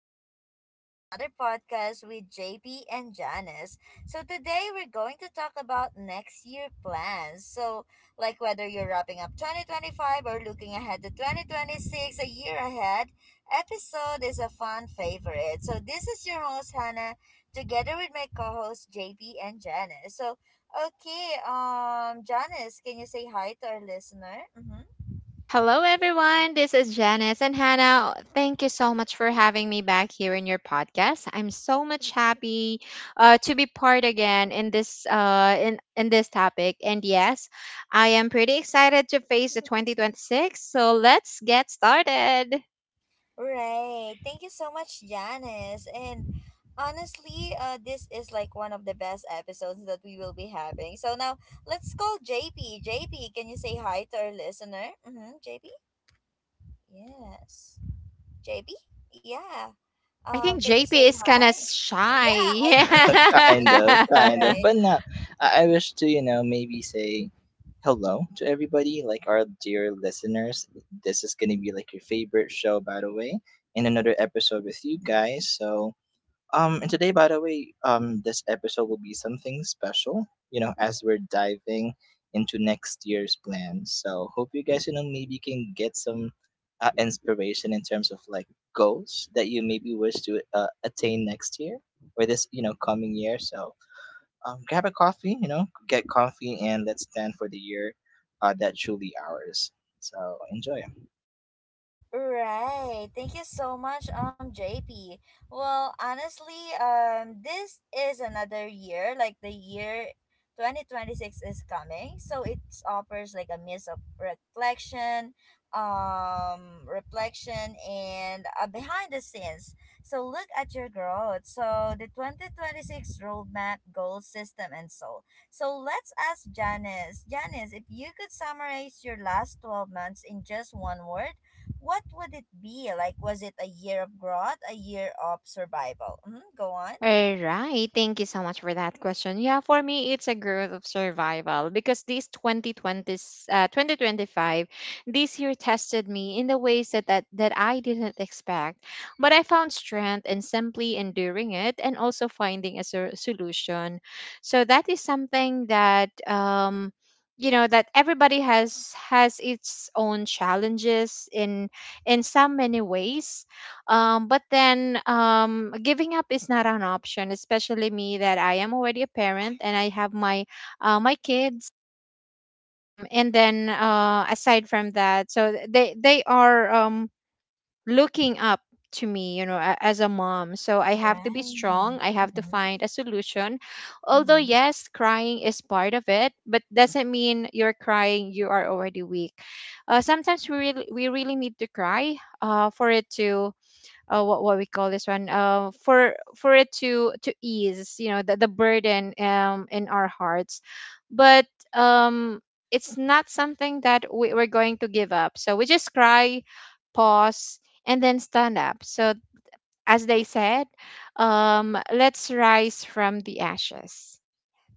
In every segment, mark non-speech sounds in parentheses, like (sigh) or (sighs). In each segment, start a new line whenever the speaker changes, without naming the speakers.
welcome back to another podcast with JP and Janice. So today we're going to talk about next year plans. So like whether you're wrapping up 2025 or looking ahead to 2026, a year ahead, episode is a fun favorite. So this is your host Hannah together with my co-host JP and Janice. So okay, Janice, can you say hi to our listener? Mhm.
Hello, everyone. This is Janice and Hannah. Thank you so much for having me back here in your podcast. I'm so much happy to be part again in this topic. And yes, I am pretty excited to face the 2026. So let's get started.
Right. Thank you so much, Janice. And honestly, this is like one of the best episodes that we will be having. So now let's call JP. JP, can you say hi to our listener? Mm-hmm. JP? Yes. JP? Yeah.
I think
Can you say
JP is
hi?
kind of
Yeah, I
shy.
think it's
(laughs)
Bisha,
kind of,
right?
(laughs)
but not. I wish to, maybe say hello to everybody, like our dear listeners. This is gonna be like your favorite show, by the way, in another episode with you guys. So and today, by the way, this episode will be something special, as we're diving into next year's plans. So, hope you guys, maybe can get some inspiration in terms of like goals that you maybe wish to attain next year or this, coming year. So, grab a coffee, get comfy, and let's plan for the year that's truly ours. So, enjoy.
Right. Thank you so much, JP. Well, honestly, this is another year, like the year 2026 is coming. So it offers like a mix of reflection, reflection and behind the scenes. So look at your growth. So the 2026 roadmap, goal system, and so. So let's ask Janice. Janice, if you could summarize your last 12 months in just one word, what would it be? Like, was it a year of growth, a year of survival? Go on.
All right. Thank you so much for that question. Yeah, for me, it's a growth of survival because this 2025, this year tested me in the ways that, I didn't expect. But I found strength in simply enduring it and also finding a solution. So that is something you know that everybody has its own challenges in some many ways, but then giving up is not an option, especially me that I am already a parent and I have my kids. And then Aside from that, so they are looking up to me as a mom. So I have to be strong.
Right.
I have to find a solution. Although
Mm-hmm.
yes, crying is part of it, but doesn't mean you're crying, you are already weak. Sometimes we really need to cry, for it to what we call this one, for it to ease, you know, the, burden in our hearts. But um it's not something that we're going to give up, so we just cry, pause, and then stand up. So as they said, let's rise from the ashes.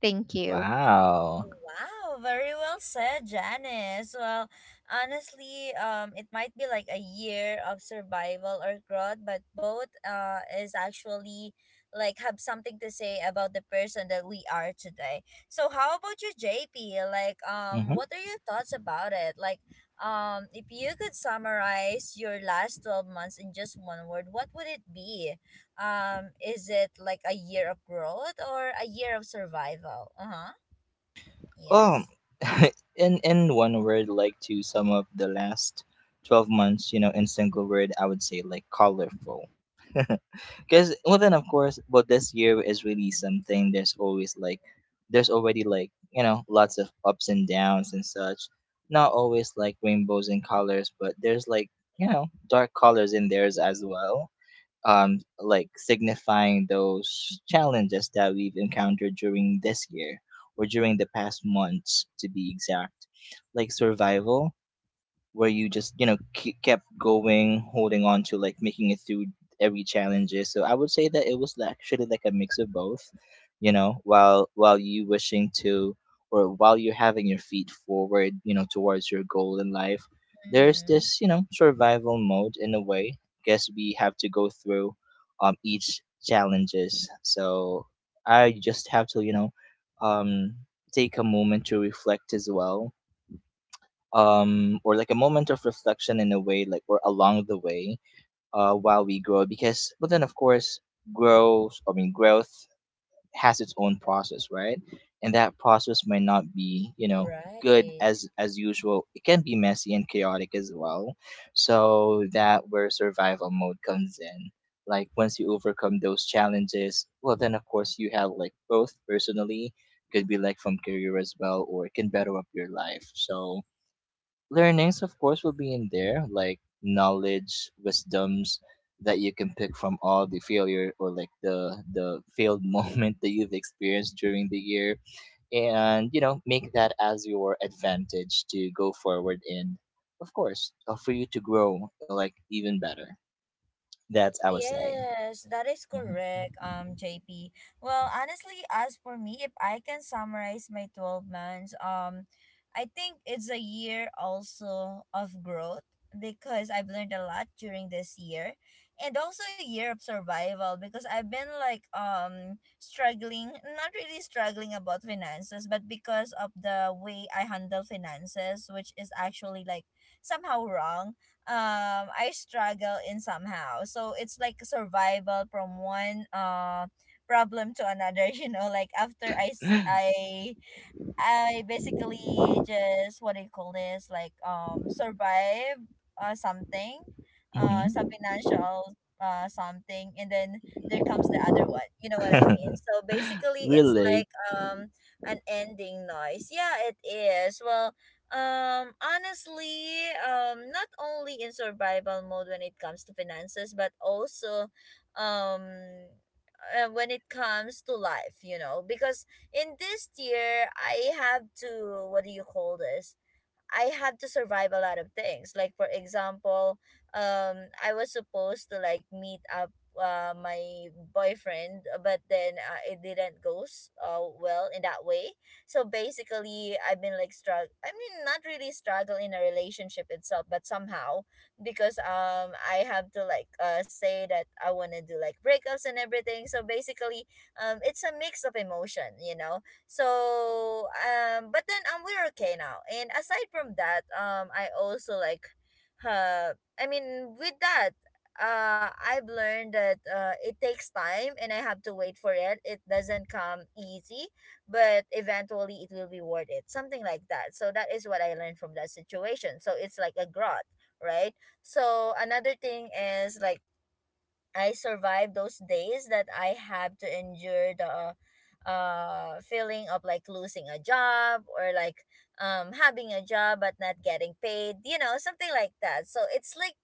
Thank you.
Wow.
Wow, very well said, Janice. Well, honestly, it might be like a year of survival or growth, but both is actually like have something to say about the person that we are today. So how about you, JP? Like,
Hmm.
what are your thoughts about it? Like, if you could summarize your last 12 months in just one word, what would it be? Is it like a year of growth or a year of survival? Uh huh.
Um,
Yes.
(laughs) in one word, like to sum up the last 12 months, in single word, I would say like colorful. (laughs) Because well, then of course, but this year is really something. There's already like lots of ups and downs and such. Not always like rainbows and colors, but there's like dark colors in theirs as well, like signifying those challenges that we've encountered during this year or during the past months, to be exact, like survival, where you just kept going, holding on to like making it through every challenges. So I would say that it was actually like a mix of both, while you wishing to, or while you're having your feet forward, towards your goal in life, there's
Mhm.
this survival mode in a way. Guess we have to go through each challenges. So I just have to um take a moment to reflect as well, or like a moment of reflection in a way, like or along the way, while we grow. Because but then of course growth, I mean growth has its own process, right? And that process might not be good
Right.
as usual. It can be messy and chaotic as well. So that where survival mode comes in. Like once you overcome those challenges, well then of course you have like both personally, could be like from career as well, or it can better up your life. So learnings of course will be in there, like knowledge wisdoms that you can pick from all the failure or like the failed (laughs) moment that you've experienced during the year. And make that as your advantage to go forward. And of course, for you to grow like even better. That's I would say.
Yes, that is
Hmm.
correct, JP. Well, honestly, as for me, if I can summarize my 12 months, I think it's a year also of growth because I've learned a lot during this year and also a year of survival because I've been like struggling, not really struggling about finances, but because of the way I handle finances, which is actually like somehow wrong, I struggle in somehow. So it's like survival from one problem to another, (laughs) you know, like after I s- I basically just what do you call this, like survive something some
Hmm.
financial something, and then there comes the other one, you know what I mean?
(laughs)
So basically it's
Really.
like um an ending noise. Yeah, it is. Well, honestly, not only in survival mode when it comes to finances, but also um when it comes to life, you know, because in this year I have to what do you call this? I had to survive a lot of things. Like for example, um I was supposed to like meet up my boyfriend, but then it didn't go well in that way. So basically I've been like struggle, I mean not really struggle in a relationship itself, but somehow because I have to like say that I want to do like breakups and everything. So basically it's a mix of emotion, so, but then we're okay now. And aside from that, I also like, uh, I mean, with that, I've learned that it takes time and I have to wait for it. It doesn't come easy, but eventually it will be worth it. Something like that. So that is what I learned from that situation. So it's like a growth, right? So another thing is like I survived those days that I have to endure the feeling of like losing a job or like having a job but not getting paid, you know, something like that. So it's like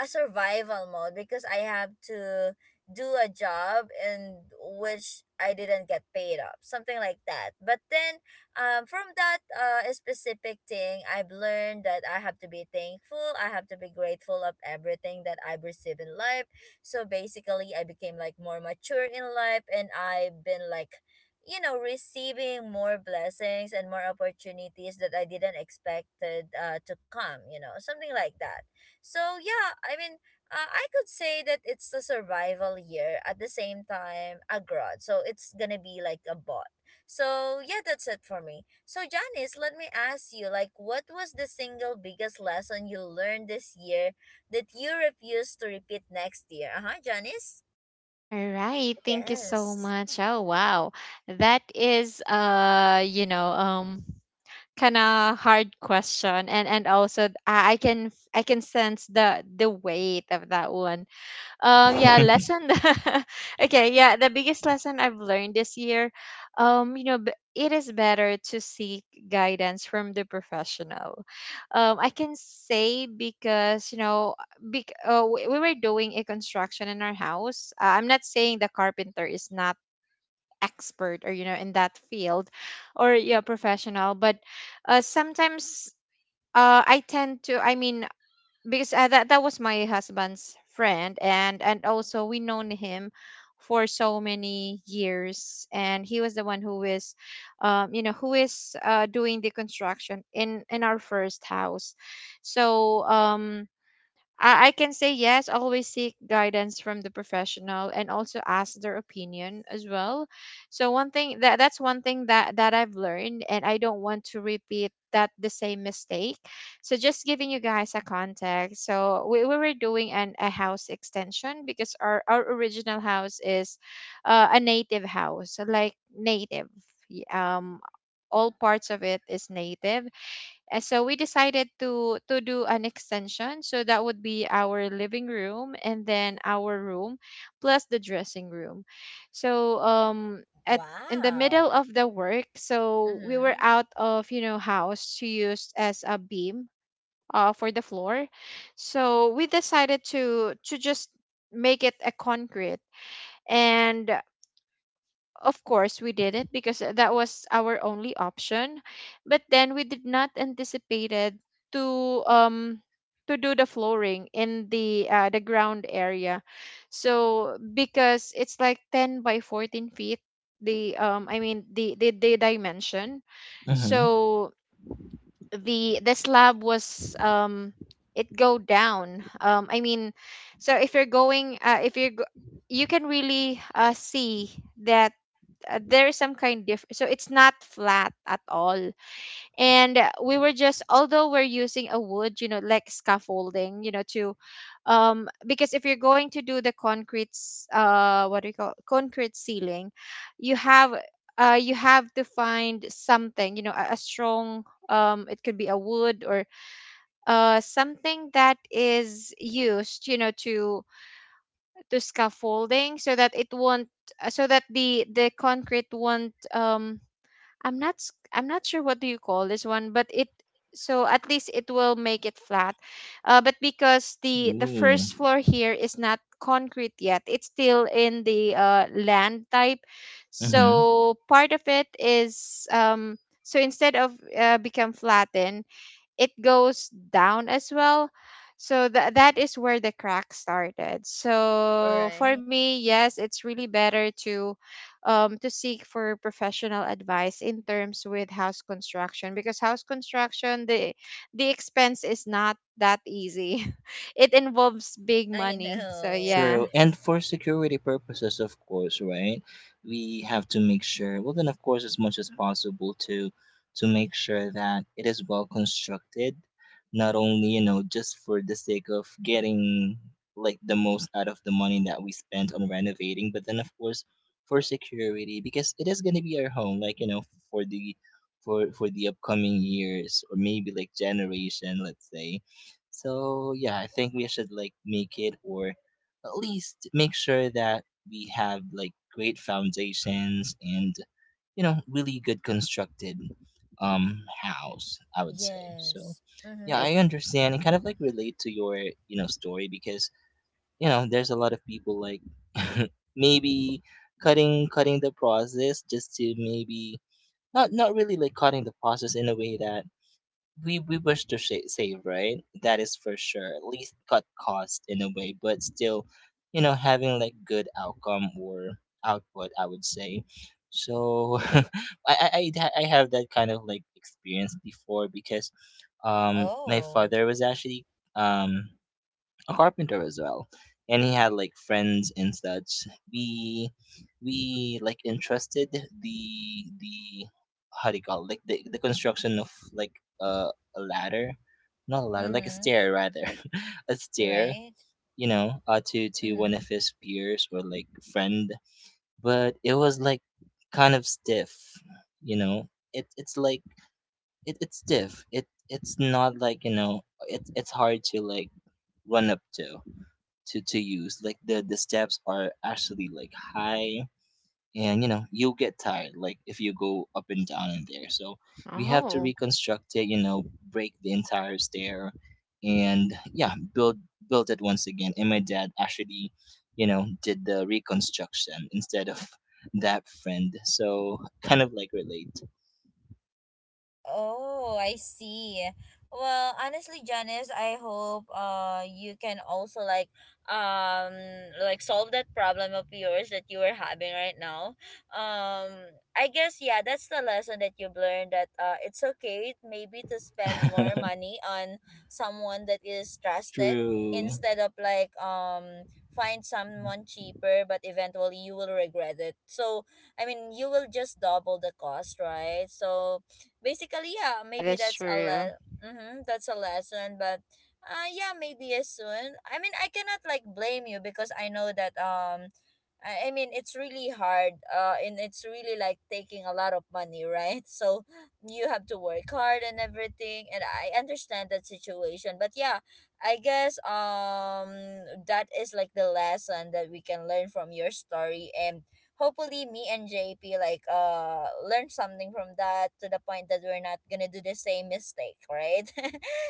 a survival mode because I have to do a job in which I didn't get paid up, something like that. But then, from that specific thing, I've learned that I have to be thankful. I have to be grateful of everything that I've received in life. So basically, I became like more mature in life, and I've been like, receiving more blessings and more opportunities that I didn't expected to come. Something like that. So yeah, I mean, I could say that it's a survival year at the same time a growth. So it's gonna be like a bot. So yeah, that's it for me. So Janice, let me ask you, like, what was the single biggest lesson you learned this year that you refuse to repeat next year? Uh huh, Janice.
All right, thank you so
Yes.
much. Oh wow, that is kind of hard question. And also, I can I can sense the weight of that one. Yeah,
(laughs)
lesson. (laughs) Okay, yeah, the biggest lesson I've learned this year, it is better to seek guidance from the professional. I can say, because we were doing a construction in our house. I'm not saying the carpenter is not expert, or, you know, in that field, or yeah, professional. But sometimes, I tend to I mean, because that was my husband's friend, and also we known him for so many years, and he was the one who is who is doing the construction in our first house. So I can say yes, always seek guidance from the professional and also ask their opinion as well. So one thing, that that's one thing that that I've learned, and I don't want to repeat that the same mistake. So just giving you guys a context. So we were doing an a house extension, because our original house is a native house, so like native. y- Um all parts of it is native, and so we decided to do an extension. So that would be our living room and then our room plus the dressing room. So at in the middle
Wow.
of the work, so we were
Mm-hmm.
out of, you know, house to use as a beam, for the floor. So we decided to just make it a concrete. And of course we did it because that was our only option, but then we did not anticipated to um to do the flooring in the, the ground area. So because it's like 10 by 14 feet, the the dimension.
Hmm.
So the slab was it go down, I mean, so if you're going if you're go- you can really see that there is some kind diff, so it's not flat at all. And we were just, although we're using a wood, you know, like scaffolding, you know, to because if you're going to do the what do you call concrete ceiling. You have, to find something, you know, a strong, it could be a wood, or something that is used, you know, to scaffolding, so that it won't, so that the concrete won't, I'm not sure what do you call this one, but it, so at least it will make it flat. But because the
Ooh.
first floor here is not concrete yet, it's still in the land type. So part of it is so instead of become flattened, it goes down as well. So that is where the crack started. So for
Right.
me, yes, it's really better to seek for professional advice in terms with house construction, because house construction, the expense is not that easy. (laughs) It involves big
I
money. So
know.
yeah,
True. And for security purposes, of course, right? We have to make sure, well, then, of course, as much as possible to make sure that it is well constructed, not only, just for the sake of getting like the most out of the money that we spent on renovating, but then, of course, for security, because it is going to be our home, like, for the for the upcoming years or maybe like generation, let's say. So yeah, I think we should like make it, or at least make sure that we have like great foundations and really good constructed house, I would say. So
Yes. Mm-hmm.
yeah,
right.
I understand and kind of like relate to your story, because there's a lot of people like (laughs) maybe cutting the process just to maybe not really like cutting the process in a way that we wish to sha save, right? That is for sure. At least cut cost in a way, but still, having like good outcome or output, I would say. So (laughs) I I have that kind of like experience before, because my
Oh.
father was actually um a carpenter as well. And he had like friends and such. We we like entrusted the, the how do you call it? Like the construction of like uh, a ladder. Not a ladder, like a
Mm-hmm.
stair rather. (laughs) A stair,
Right.
to one of
Mm-hmm.
his peers or like friend, but it was like kind of stiff. It's like it's stiff. It's not like, it's hard to like run up to use. Like the steps are actually like high, and you'll get tired, like if you go up and down in there. So we have to
Oh,
reconstruct it. Break the entire stair, and yeah, build it once again. And my dad actually, did the reconstruction instead of that friend. So kind of like relate.
Oh, I see. Well, honestly, Janice, I hope you can also like um solve that problem of yours that you were having right now. I guess yeah, that's the lesson that you've learned that it's okay maybe to spend more
(laughs)
money on someone that is trusted
True.
instead of like find someone cheaper but eventually you will regret it. So, I mean, you will just double the cost, right? So, basically, yeah,
that
maybe
is true.
mm-hmm, that's a lesson, but yeah, maybe as soon. I mean, I cannot like blame you because I know that, I mean it's really hard. And it's really like taking a lot of money, right? (laughs) So you have to work hard and everything, and I understand that situation. But yeah, I guess that is like the lesson that we can learn from your story and hopefully me and JP like learn something from that to the point that we're not gonna do the same mistake, right? (laughs)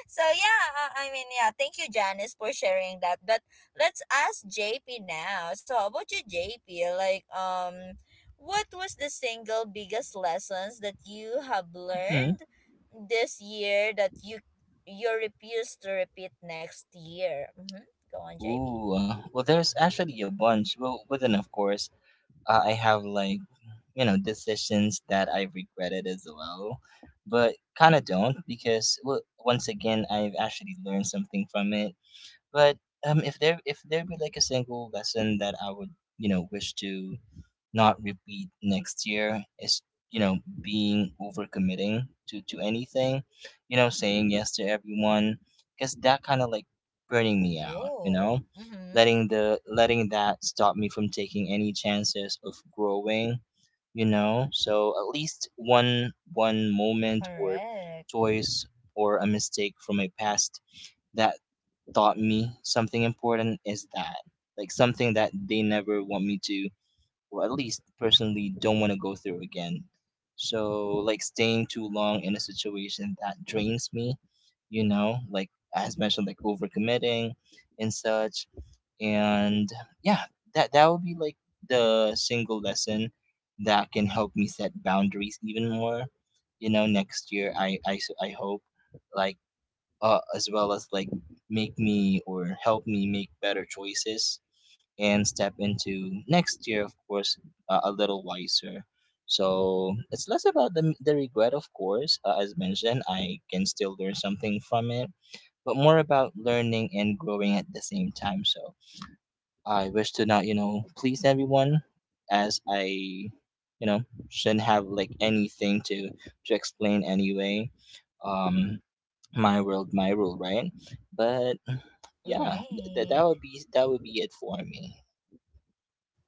So yeah, I mean yeah, thank you Janice for sharing that. But let's ask JP now. So how about you, JP? Like what was the single biggest lessons that you have
Hmm.
learned this year that you refuse to repeat next year? Mm-hmm. Go on, JP.
Ooh, well, there's actually a bunch. Well, within, of course, I have like decisions that I regretted as well, but kind of don't, because well, once again I've actually learned something from it. But if there be like a single lesson that I would wish to not repeat next year is being overcommitting to anything, saying yes to everyone, because that kind of like burning me out,
Oh, mm-hmm.
letting that stop me from taking any chances of growing. So at least one moment or
Correct.
choice, or a mistake from my past that taught me something important, is that like something that they never want me to, or at least personally don't want to go through again. So like staying too long in a situation that drains me, like as mentioned, like overcommitting and such. And yeah, that would be like the single lesson that can help me set boundaries even more, next year. I hope, like, as well as like make me or help me make better choices and step into next year, of course, a little wiser. So it's less about the regret, of course. As mentioned, I can still learn something from it, but more about learning and growing at the same time. So I wish to not, please everyone, as I, shouldn't have like anything to explain anyway. um my world, my rule, right? But yeah,
Right.
that would be it for me.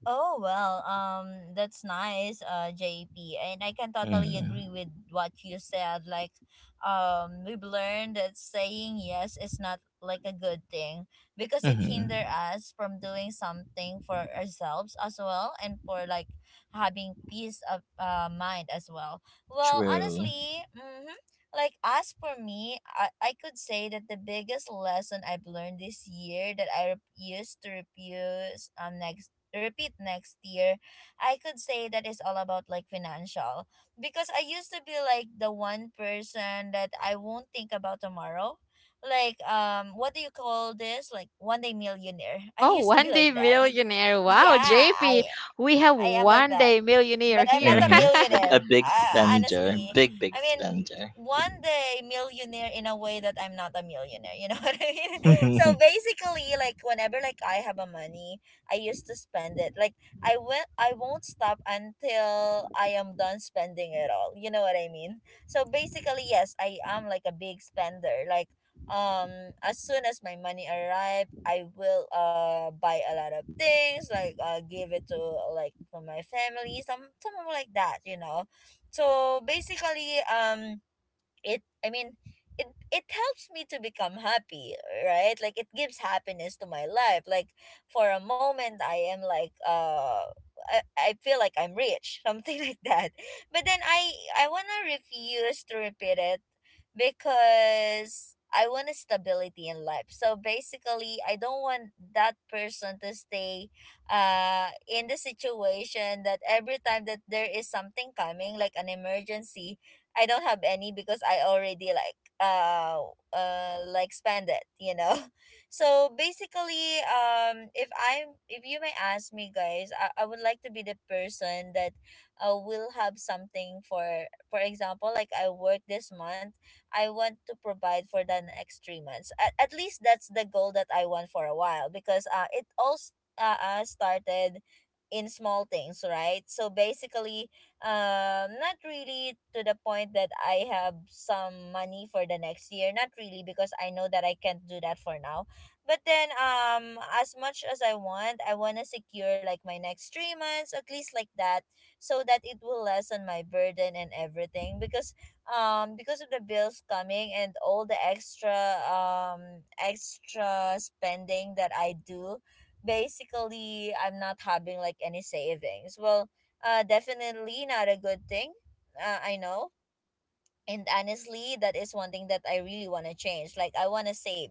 Oh well, that's nice, JP, and I can totally
Mm-hmm.
agree with what you said. Like, we've learned that saying yes is not like a good thing because it hinder
Mm-hmm.
us from doing something for ourselves as well, and for like having peace of mind as well. Well,
True.
honestly, mm-hmm, like as for me, I could say that the biggest lesson I've learned this year that I used to refuse next repeat next year, I could say that is all about like financial because I used to be like the one person that I won't think about tomorrow. Like what do you call this? Like one day
Like one
millionaire.
day,
(laughs) I
oh,
used to be
one
like
day
that. (laughs)
millionaire. Wow,
Yeah,
JP,
I
we have
I am like
one
that
day millionaire
but I'm
here.
not a
(laughs)
Mm-hmm. A
millionaire.
big
I,
spender,
honestly,
big big
I mean,
spender.
one day millionaire in a way that I'm not a millionaire. You know (laughs) what I mean? So
(laughs)
basically, like whenever like I have a money, I used to spend it. Like I won't stop until I am done spending it all. You know what I mean? So basically, yes, I am like a big spender. Like um as soon as my money arrive I will buy a lot of things like give it to like to my family, something like that, so basically it I mean it it helps me to become happy, right? Like it gives happiness to my life, like for a moment I am like I feel like I'm rich (laughs) something like that, but then I want to refuse to repeat it because I want a stability in life, so basically I don't want that person to stay in the situation that every time that there is something coming like an emergency I don't have any because I already like spend it. (laughs) So basically, if you may ask me, guys, I would like to be the person that will have something for example, like I work this month, I want to provide for the next 3 months. At least that's the goal that I want for a while because it all started in small things, right? So basically, not really to the point that I have some money for the next year, not really because I know that I can't do that for now, but then as much as I want to secure like my next 3 months at least like that, so that it will lessen my burden and everything because of the bills coming and all the extra spending that I do, basically I'm not having like any savings, well definitely not a good thing. I know, and honestly that is one thing that I really want to change. Like, I want to save,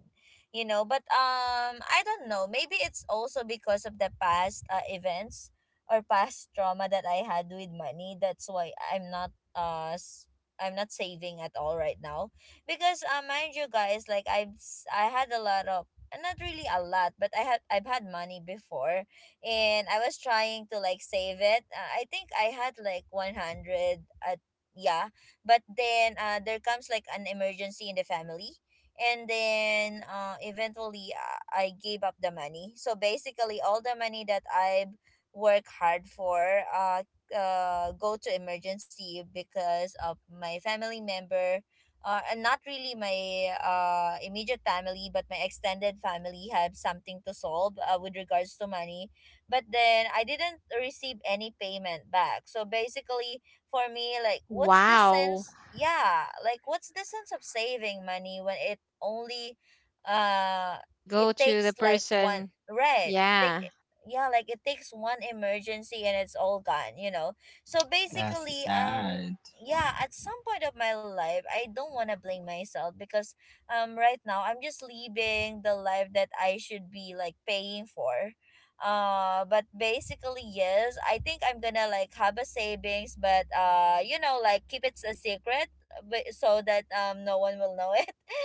you know, but I don't know, maybe it's also because of the past events or past trauma that I had with money. That's why I'm not I'm not saving at all right now. Because mind you guys, like I had a lot of, not really a lot, but I've had money before. And I was trying to like save it. I think I had like 100 at... yeah. But then there comes like an emergency in the family, and then eventually I gave up the money. So basically all the money that I work hard for uh, go to emergency because of my family member. And not really my immediate family, but my extended family had something to solve with regards to money. But then I didn't receive any payment back. So basically, for me, like, what's the
Wow.
sense, yeah, like what's the sense of saving money when it only, uh
We'll
it
go to the
takes like one...
person.
red... take.
Yeah.
Yeah, like it takes one emergency and it's all gone, you know. So
That's
basically,
sad.
yeah, at some point of my life I don't want to blame myself, because right now I'm just living the life that I should be like paying for. But basically, yes, I think I'm gonna like have a savings, but you know, like keep it a secret, but so that no one will know.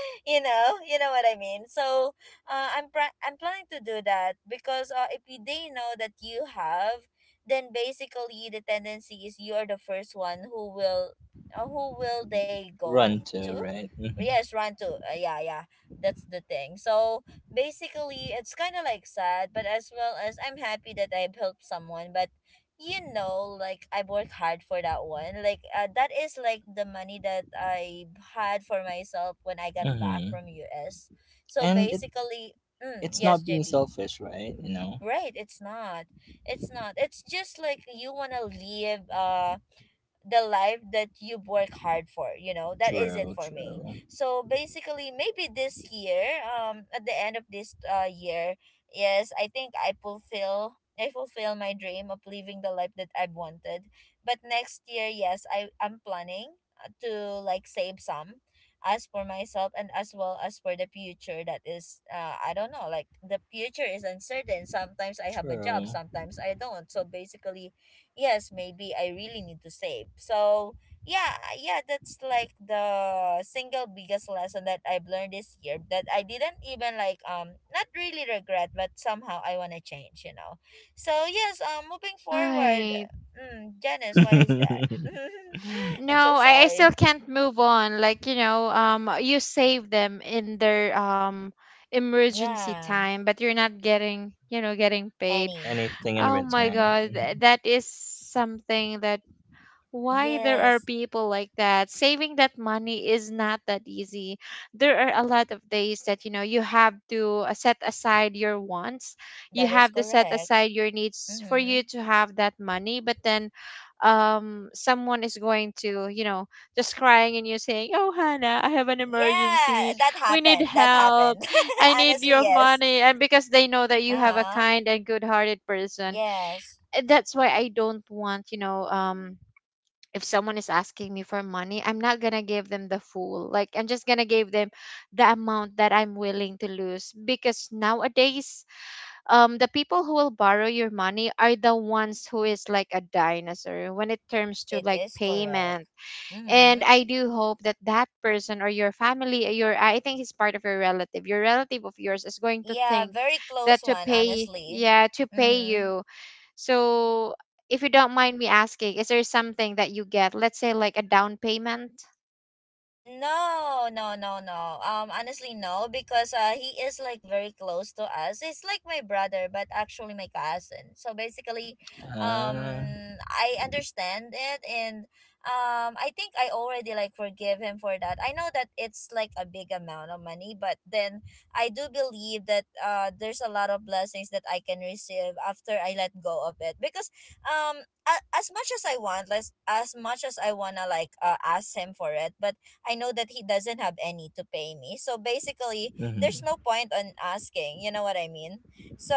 (laughs) You know what I mean. So, I'm planning to do that because if they know that you have, then basically the tendency is you are the first one who will they go
Run to,
to?
right. Mm-hmm.
Yes, run to. Yeah, yeah. That's the thing. So basically, it's kind of like sad, but as well as I'm happy that I've helped someone. But you know, like, I worked hard for that one, like, that is like the money that I had for myself when I got back
Mm-hmm.
from US. So
And it
basically,
it's
yes,
not being
JP.
selfish, right, you know?
Right, it's not, it's just like you want to live the life that you work hard for, you know. That is it
True.
for me.
True.
So basically, maybe this year, at the end of this year, yes, I think I fulfill my dream of living the life that I've wanted. But next year, yes, I'm planning to, like, save some as for myself and as well as for the future. That is, I don't know, like the future is uncertain. Sometimes I have a job,
True.
sometimes I don't, so basically yes, maybe I really need to save. So yeah, yeah, that's like the single biggest lesson that I've learned this year, that I didn't even like, not really regret, but somehow I wanna change, you know. So yes, moving forward,
Right.
Janice, what is
(laughs)
that? (laughs) I'm so
No, I still
sorry.
can't move on. Like, you save them in their emergency
Yeah,
time, but you're not getting, paid.
Annie.
Anything in
Oh my
return.
God,
Mhm.
that is something that why there are
Yes,
people like that. Saving that money is not that easy. There are a lot of days that, you have to, set aside your wants, you
that is
have to set
correct.
aside your needs for
Mm-hmm.
you to have that money. But then someone is going to, just crying and you saying, oh Hannah, I have an
Yeah,
emergency,
that
we need
happened. That
help,
happened.
I
(laughs)
need
Honestly,
your
yes.
money. And because they know that
Uh
you have a
huh.
kind and good hearted person.
Yes.
And that's why I don't want, if someone is asking me for money, I'm not gonna give them the full. Like, I'm just gonna give them the amount that I'm willing to lose, because nowadays, the people who will borrow your money are the ones who is like a dinosaur when it comes to
It
like
is
payment.
correct.
And
Mm-hmm.
I do hope that that person, or your family, your, I think he's part of your relative of yours is going to
Yeah,
think
very close
that to
one,
pay,
honestly.
yeah, to pay
Mm-hmm.
you. So, if you don't mind me asking, is there something that you get? Let's say like a down payment?
No, no, no, no. Honestly, no, because he is like very close to us. He's like my brother, but actually my cousin. So basically, um,
Ah,
I understand it, and I think I already like forgive him for that. I know that it's like a big amount of money, but then I do believe that there's a lot of blessings that I can receive after I let go of it. Because um, as much as I want, less as much as I wanna like ask him for it, but I know that he doesn't have any to pay me. So basically, there's
mhm.
no point on asking. You know what I mean? So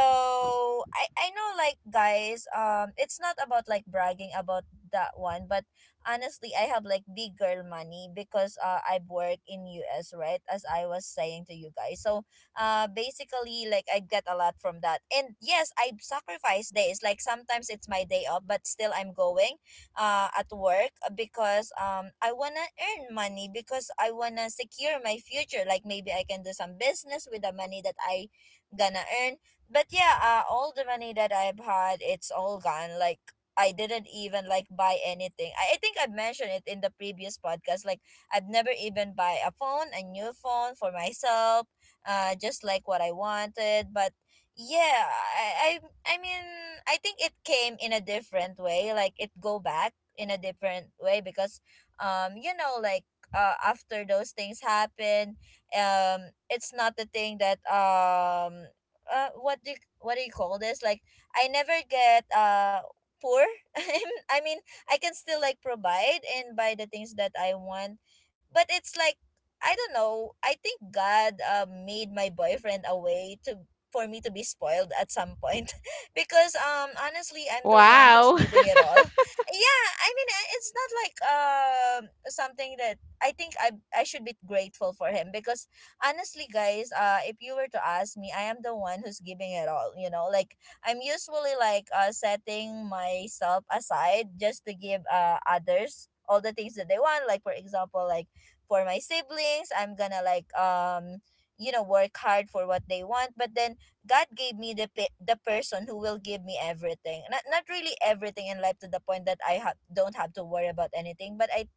I know, like, guys, it's not about like bragging about that one, but honestly, I have like big girl money because I've worked in US, right? As I was saying to you guys, so basically, like, I get a lot from that. And yes, I sacrifice days. Like sometimes it's my day off, but still I'm going at work because I wanna earn money because I wanna secure my future. Like maybe I can do some business with the money that I gonna earn. But yeah, all the money that I've had, it's all gone. Like I didn't even like buy anything. I think I've mentioned it in the previous podcast. Like I've never even buy a phone, a new phone for myself, just like what I wanted. But yeah, I, I mean, I think it came in a different way. Like it go back in a different way, because you know, like after those things happen, it's not the thing that, what do you call this? Like I never get poor. (laughs) I mean, I can still like provide and buy the things that I want, but it's like I don't know. I think God made my boyfriend a way to, for me to be spoiled at some point. (laughs) Because honestly, I'm the one who's
Wow. (laughs)
giving it all. (laughs) Yeah, I mean, it's not like, something that I think I should be grateful for him. Because honestly, guys, if you were to ask me, I am the one who's giving it all, you know? Like I'm usually like setting myself aside just to give others all the things that they want, like for example, like for my siblings, I'm gonna like, you know, work hard for what they want. But then God gave me the person who will give me everything. Not really everything in life to the point that I have don't have to worry about anything, but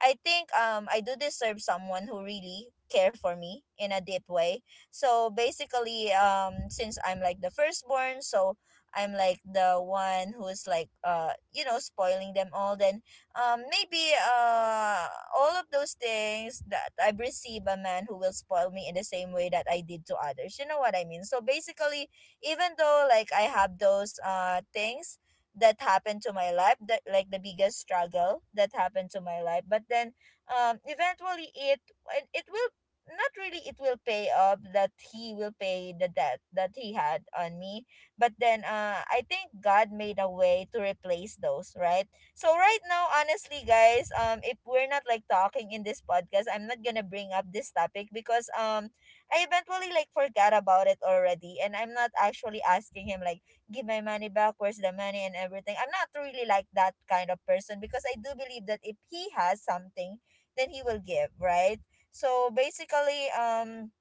I think I do deserve someone who really care for me in a deep way. So basically, since I'm like the firstborn, so I'm like the one who's like, you know, spoiling them all. Then maybe all of those things that I've received, a man who will spoil me in the same way that I did to others. You know what I mean? So basically, even though like I have those things that happened to my life, that like the biggest struggle that happened to my life, but then eventually it will, not really, it will pay off, that he will pay the debt that he had on me. But then I think God made a way to replace those, right. So right now, honestly, guys, if we're not like talking in this podcast, I'm not gonna bring up this topic. Because I eventually like forgot about it already, and I'm not actually asking him like, give my money back, where's the money, and everything. I'm not really like that kind of person, because I do believe that if he has something, then he will give, right? So basically,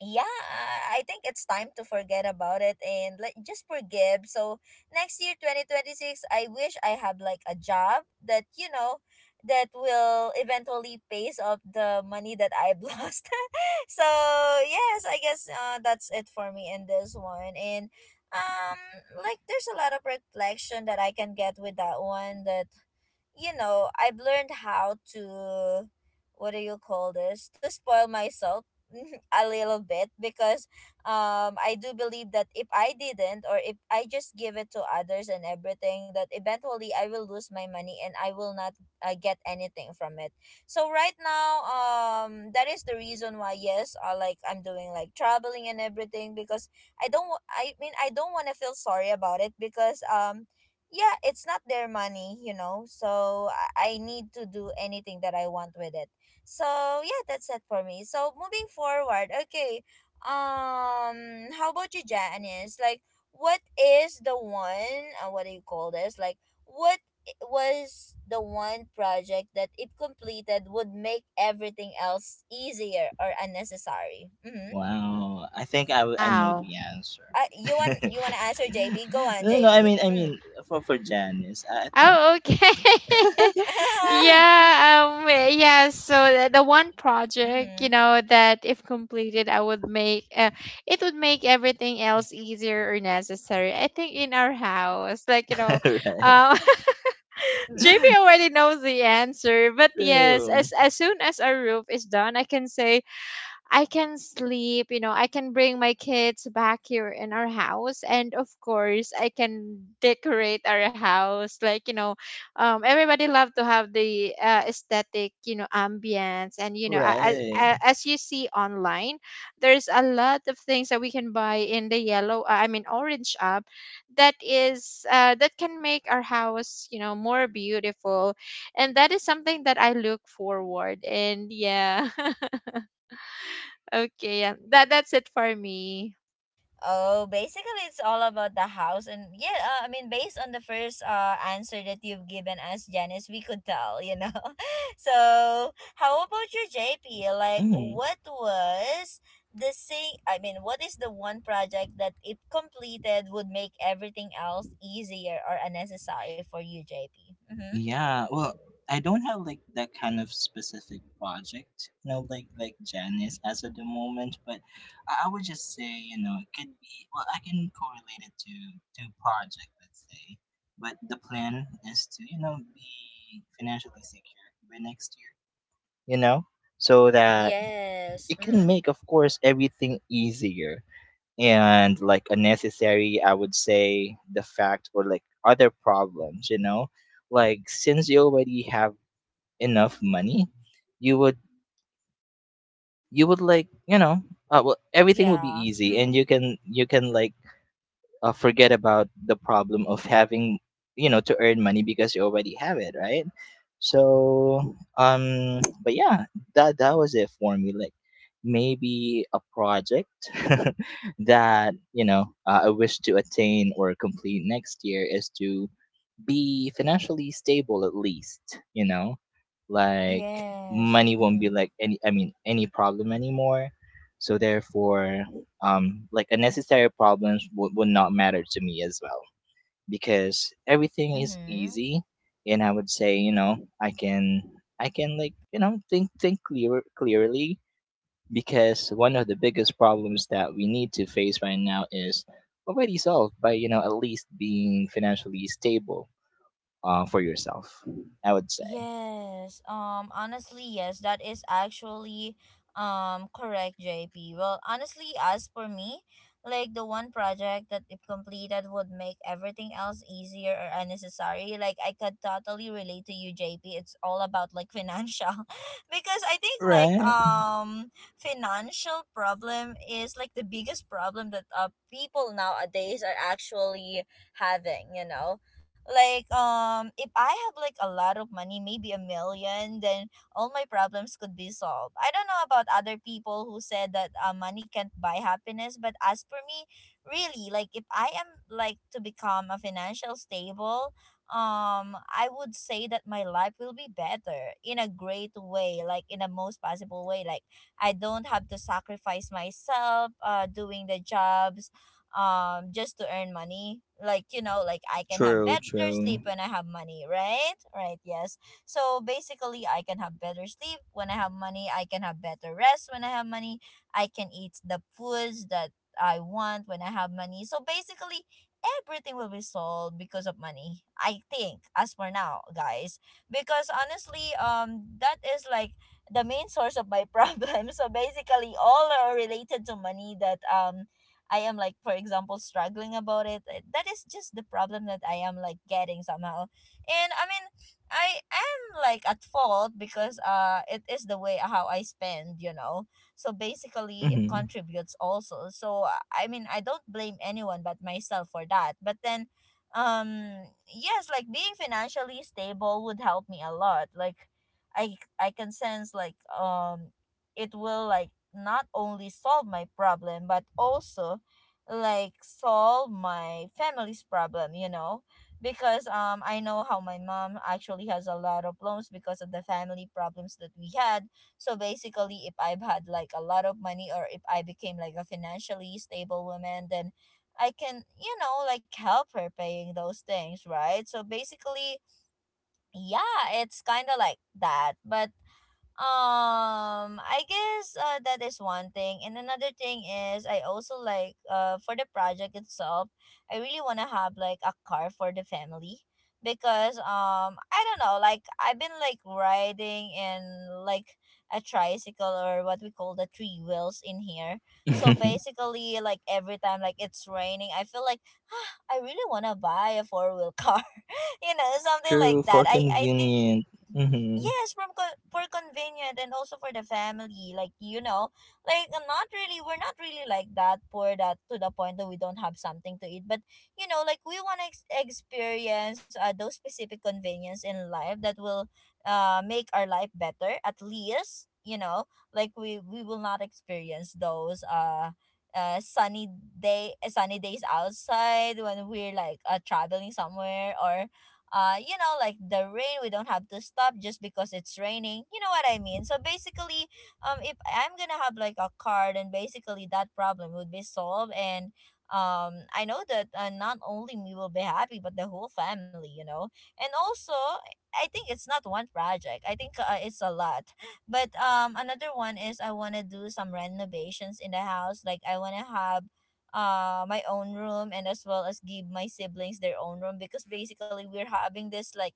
yeah, I think it's time to forget about it and like just forgive. So next year, 2026, I wish I have like a job that, you know, that will eventually pays off the money that I've (laughs) lost. So yes, I guess that's it for me in this one. And um like, there's a lot of reflection that I can get with that one, that you know, I've learned how to, what do you call this? To spoil myself (laughs) a little bit, because I do believe that if I didn't, or if I just give it to others and everything, that eventually I will lose my money and I will not get anything from it. So right now, that is the reason why, yes, like, I'm doing like traveling and everything, because I mean, I don't want to feel sorry about it, because yeah, it's not their money, you know. So I need to do anything that I want with it. So yeah, that's it for me. So moving forward, okay. How about you, Janice? Like, what is the one? What do you call this? Like, what was the one project that, if completed, would make everything else easier or unnecessary? Mm-hmm.
Wow, I think I know
Wow.
the answer.
You want you
(laughs)
want to answer, JP? Go on,
No, no, I
JP.
mean, I
Mm.
mean, for Janice, I think.
Oh, okay. (laughs)
(laughs)
Yeah, yeah, so the, one project,
Mm-hmm.
that if completed, I would make it would make everything else easier or necessary. I think in our house, like,
(laughs) Right.
um (laughs) JP already knows the answer, but yes,
True.
as soon as our roof is done, I can say I can sleep, I can bring my kids back here in our house. And of course, I can decorate our house. Like, everybody love to have the aesthetic, ambience. And, as,
Right.
you see online, there's a lot of things that we can buy in the yellow, I mean, orange app that can make our house, more beautiful. And that is something that I look forward. And yeah. (laughs) Okay, yeah. That's it for me.
Oh, basically, it's all about the house, and yeah, I mean, based on the first answer that you've given us, Janice, we could tell, you know. (laughs) So, how about your JP? Like,
Mm.
what was the thing? I mean, what is the one project that if completed would make everything else easier or unnecessary for you, JP? Mm-hmm.
Yeah. Well, I don't have like that kind of specific project, like Janice as of the moment. But I would just say, it could be well, I can correlate it to project, let's say. But the plan is to, be financially secure by next, you know, so that
Yes.
it can
Mm-hmm.
make, of course, everything easier. And like unnecessary, I would say the fact or like other problems, like since you already have enough money, you would like, well, everything would be
Yeah.
easy,
Mm-hmm.
and you can like forget about the problem of having to earn money because you already have it, right? So but yeah, that was it for me. Like maybe a project (laughs) that I wish to attain or complete next year is to be financially stable at least, you know? Like
Yes.
money won't be
Mm-hmm.
like any, I mean, any problem anymore. So therefore, like unnecessary problems, would not matter to me as well. Because everything is
Mm-hmm.
easy, and I would say, I can like, think clearly. Because one of the biggest problems that we need to face right now is already solved by at least being financially stable, for yourself, I would say.
Yes, honestly yes, that is actually correct, JP. Well, honestly, as for me, like the one project that if completed would make everything else easier or unnecessary. Like I could totally relate to you, JP. It's all about like financial, (laughs) because I think like
Right.
financial problem is like the biggest problem that people nowadays are actually having, you know, like if I have like a lot of money, maybe a million, then all my problems could be solved. I don't know about other people who said that money can't buy happiness, but as for me, really, like if I am like to become a financial stable, I would say that my life will be better in a great way, like in the most possible way. Like I don't have to sacrifice myself doing the jobs, just to earn money. Like you know, like I can have
True.
better sleep
True.
when I have money, right? Right. Yes. So basically I can have better sleep when I have money, I can have better rest when I have money, I can eat the foods that I want when I have money. So basically everything will be solved because of money, I think, as for now, guys. Because honestly, that is like the main source of my (laughs) problem. So basically all are related to money, that I am like, for example, struggling about it. That is just the problem that I am like getting somehow. And I mean, I am like at fault, because it is the way how I spend, you know. So basically, it
Hmm.
contributes also. So I mean, I don't blame anyone but myself for that. But then, yes, like being financially stable would help me a lot. Like, I can sense like, it will like not only solve my problem but also like solve my family's problem, you know. Because I know how my mom actually has a lot of loans because of the family problems that we had. So basically if I've had like a lot of money, or if I became like a financially stable woman, then I can, you know, like help her paying those things, right? So basically, yeah, it's kind of like that. But I guess that is one thing, and another thing is I also like, for the project itself, I really wanna have like a car for the family, because I don't know, like I've been like riding in like a tricycle, or what we call the three wheels in here. So
(laughs)
basically, like every time like it's raining, I feel like (sighs) ah, I really wanna buy a four-wheel car, (laughs) you know, something like
True.
that.
For
I think.
convenient. Hmm.
Yes, for convenient, and also for the family. Like you know, like not really. We're not really like that poor that to the point that we don't have something to eat. But you know, like we want to experience those specific convenience in life that will make our life better. At least you know, like we will not experience those sunny day sunny days outside when we're like traveling somewhere, or you know, like the rain, we don't have to stop just because it's raining, you know what I mean. So basically, if I'm gonna have like a car, then basically that problem would be solved. And I know that, not only me will be happy but the whole family, you know. And also, I think it's not one project. I think it's a lot. But another one is I want to do some renovations in the house, like I want to have my own room, and as well as give my siblings their own room. Because basically we're having this like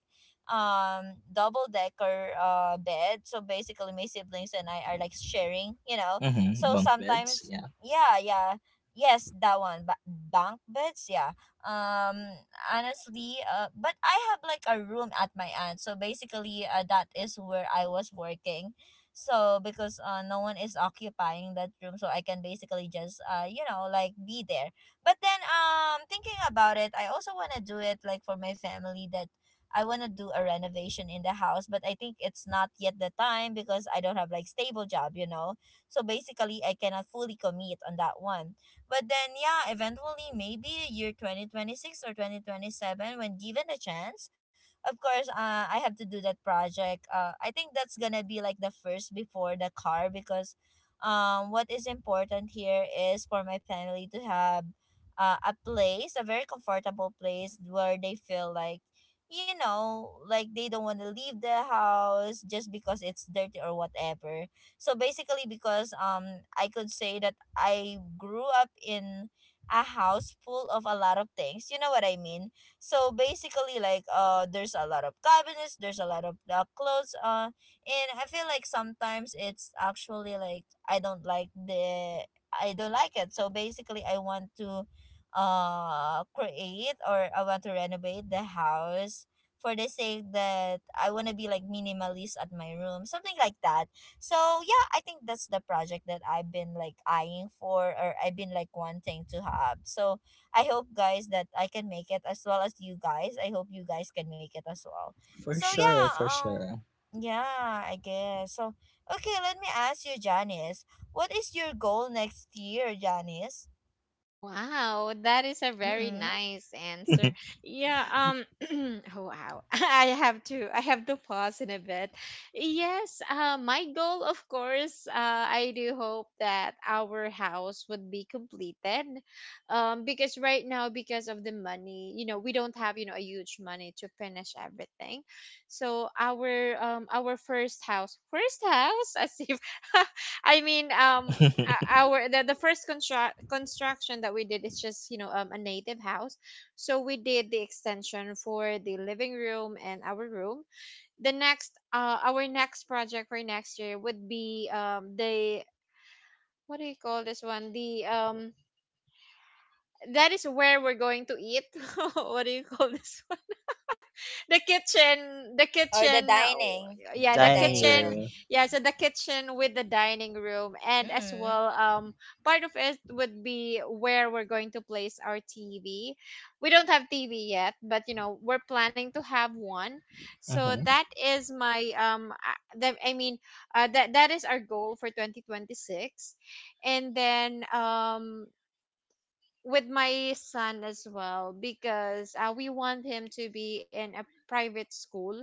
double decker bed. So basically my siblings and I are like sharing, you know.
Hmm.
So
Bunk beds.
sometimes,
Yeah.
yeah, yeah, yes, that one, but bunk beds. Yeah. um Honestly, but I have like a room at my aunt. So basically that is where I was working. So because no one is occupying that room, so I can basically just, you know, like be there. But then thinking about it, I also want to do it like for my family, that I want to do a renovation in the house. But I think it's not yet the time because I don't have like stable job, you know. So basically I cannot fully commit on that one. But then yeah, eventually maybe year 2026 or 2027. When given a chance, of course, I have to do that project. I think that's gonna be like the first before the car, because what is important here is for my family to have, a place, a very comfortable place where they feel like, you know, like they don't want to leave the house just because it's dirty or whatever. So basically, because I could say that I grew up in a house full of a lot of things. You know what I mean? So basically, like there's a lot of cabinets, there's a lot of clothes. And I feel like sometimes it's actually like I don't like the, I don't like it. So basically, I want to create, or I want to renovate the house for the sake that I want to be like minimalist at my room, something like that. So yeah, I think that's the project that I've been like eyeing for, or I've been like wanting to have. So I hope, guys, that I can make it, as well as you guys. I hope you guys can make it as well.
For
So yeah,
sure. For sure.
yeah, I guess. So okay, let me ask you, Janice. What is your goal next year, Janice?
Wow, that is a very
Mm-hmm.
nice answer.
(laughs)
Yeah, (clears throat) oh wow. (laughs) I have to pause in a bit. Yes, my goal, of course, I do hope that our house would be completed. Because right now, because of the money, you know, we don't have, you know, a huge money to finish everything. So our first house, as if, (laughs) I mean, o- our the, first construction that we did is just, a native house. So we did the extension for the living room and our room. The next project for next year would be the what do you call this one, the that is where we're going to eat. (laughs) What do you call this? The kitchen,
Or the
oh,
dining.
yeah, the
The
Dining
dining
kitchen.
room.
room.
Yeah, so the kitchen with the dining room, and as
Mm-hmm.
well part of it would be where we're going to place our TV. We don't have TV yet, but, we're planning to have one. So
Hmm.
that is my, I mean, that is our goal for 2026. And then with my son as well, because we want him to be in a private school.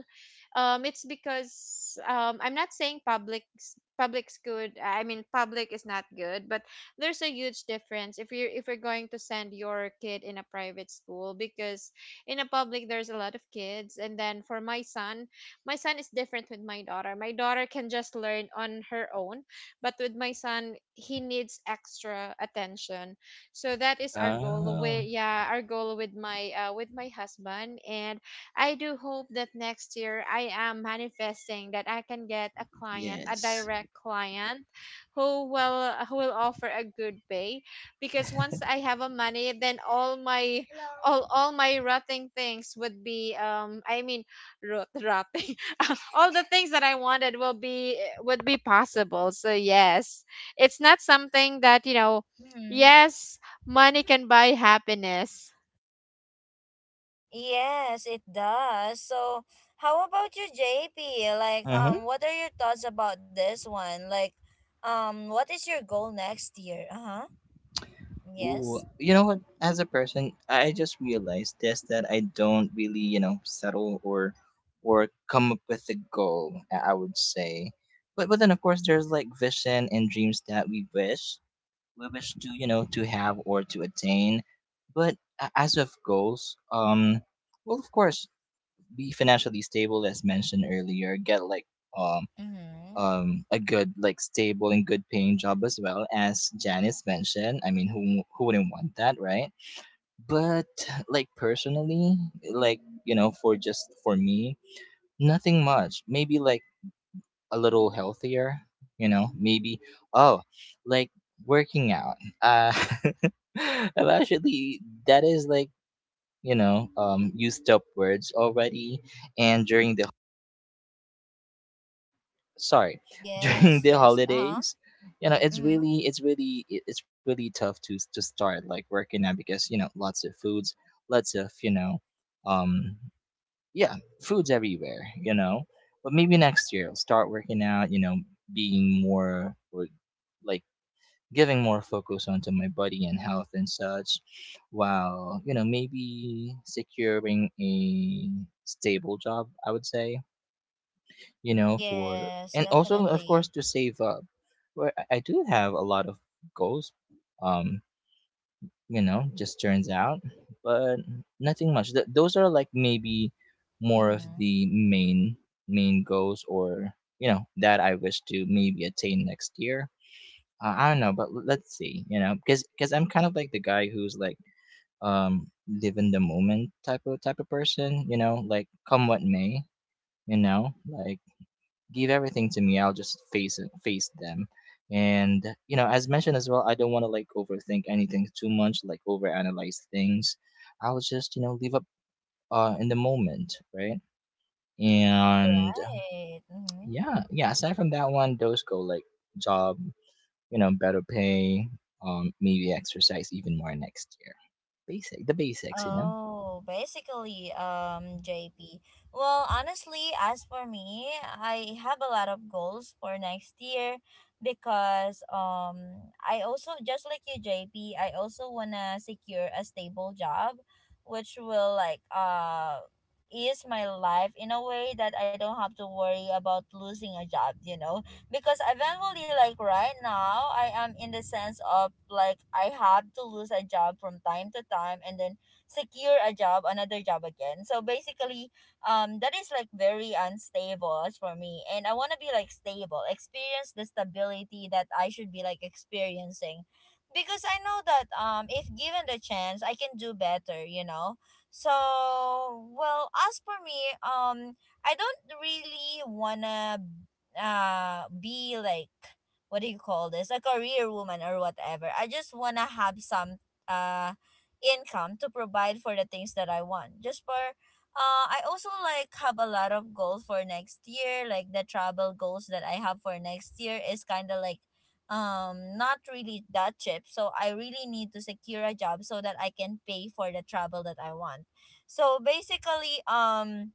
It's because, I'm not saying public's good. I mean public is not good, but there's a huge difference if you're going to send your kid in a private school because in a public there's a lot of kids, and then for my son is different with my daughter. My daughter can just learn on her own, but with my son, he needs extra attention so that is our goal
Ah.
with, yeah, our goal with my husband. And I do hope that next year I am manifesting that I can get a client, a
Yes.
direct client who will, who will offer a good pay. Because once I have a money, then all my all my rotting things would be rotting (laughs) all the things that I wanted will be, would be possible. So yes, it's not something that you know
Mm-hmm.
yes. Money can buy happiness.
Yes, it does. So how about you, JP? Like,
Mm-hmm.
what are your thoughts about this one? Like, what is your goal next year? Uh-huh.
Ooh,
Yes.
you know what? As a person, I just realized this that I don't really, settle or come up with a goal. I would say, but then of course there's like vision and dreams that we wish to, to have or to attain. But as of goals, well of course be financially stable as mentioned earlier. Get like um
Mm-hmm.
a good, like, stable and good paying job as well, as Janice mentioned. I mean, who wouldn't want that, right? But, like, personally, like, you know, for just for me, nothing much. Maybe, like, a little healthier, you know, maybe, oh, like, working out. Uh, (laughs) I've actually, that is like, used up words already. And during the sorry (laughs)
Yes,
during the
yes. Uh-huh.
holidays, you know, it's
Mm-hmm.
really it's really it- it's really tough to start like working now because you know lots of foods, lots of um yeah foods everywhere, you know. But maybe next year I'll start working out, you know, being more or like giving more focus onto my body and health and such, while you know maybe securing a stable job, I would say, you know, for
Yes,
and also of course
definitely.
to save up. Where I do have a lot of goals, um, you know, just turns out, but nothing much. Those are like maybe more of
Mm-hmm.
the main goals, or you know, that I wish to maybe attain next year. I don't know, but let's see, you know, because I'm kind of like the guy who's like live in the moment, type of person, you know, like come what may, you know, like give everything to me, I'll just face it, face them. And you know, as mentioned as well, I don't want to like overthink anything too much, like overanalyze things. I'll just you know leave up in the moment, right? And
Right. Mm-hmm.
yeah, aside from that one, those go like job, you know, better pay, maybe exercise even more next year. Basic the basics, you know.
Oh, basically, JP. Well, honestly, as for me, I have a lot of goals for next year, because I also just like you, JP. I also wanna secure a stable job, which will like ease my life in a way that I don't have to worry about losing a job. You know, because eventually, like right now, I am in the sense of like I have to lose a job from time to time, and then secure a job, another job again. So basically, that is like very unstable as for me. And I want to be like stable, experience the stability that I should be like experiencing. Because I know that, if given the chance, I can do better, you know? So, well, as for me, I don't really wanna be like, what do you call this, a career woman or whatever. I just wanna have some uh income to provide for the things that I want. Just for I also like have a lot of goals for next year. Like the travel goals that I have for next year is kind of like not really that cheap. So I really need to secure a job so that I can pay for the travel that I want. So basically,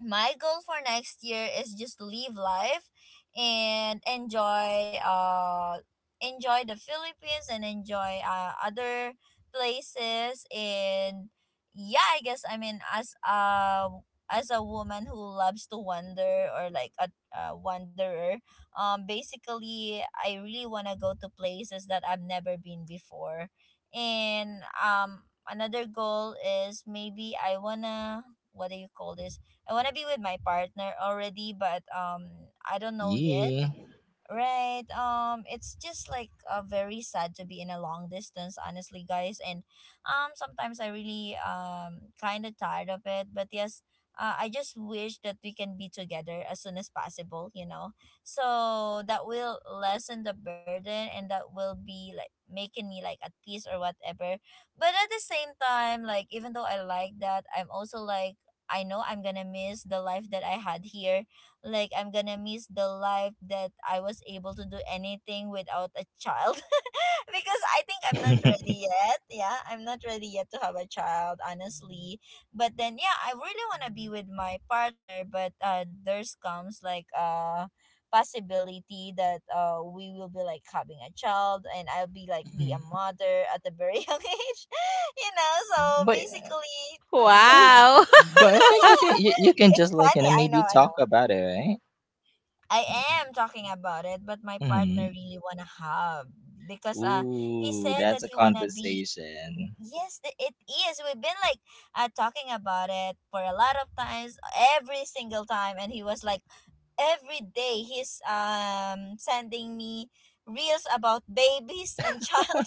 my goal for next year is just to live life and enjoy enjoy the Philippines, and enjoy other places. And yeah, I guess. I mean as a, woman who loves to wander, or like a, wanderer, basically I really want to go to places that I've never been before. And another goal is, maybe I want to, what do you call this, I want to be with my partner already. But I don't know yet.
Yeah.
Right. It's just like, very sad to be in a long distance, honestly, guys. And sometimes I really kind of tired of it. But yes, I just wish that we can be together as soon as possible. You know, so that will lessen the burden, and that will be like making me like at peace or whatever. But at the same time, like even though I like that, I'm also like. I know I'm gonna miss the life that I had here, like I'm gonna miss the life that I was able to do anything without a child. (laughs) Because I think I'm
(laughs)
not ready yet, yeah, I'm not ready yet to have a child, honestly. But then, yeah, I really want to be with my partner, but there's comes like possibility that we will be like having a child and I'll be like be a mother at a very (laughs) young age, you know. So
but I
basically, go
think,
on.
Wow. (laughs)
but
(laughs)
I think you can you can
It's
just like you
funny.
know
I know
maybe
I
talk
know
about it, right?
I am talking about it, but my partner
Hmm.
really wanna have, because he
Ooh,
said
that's
that
a
he wanna be.
conversation.
Yes, it is, we've been like talking about it for a lot of times, every single time, and he was like, every day he's sending me reels about babies and child.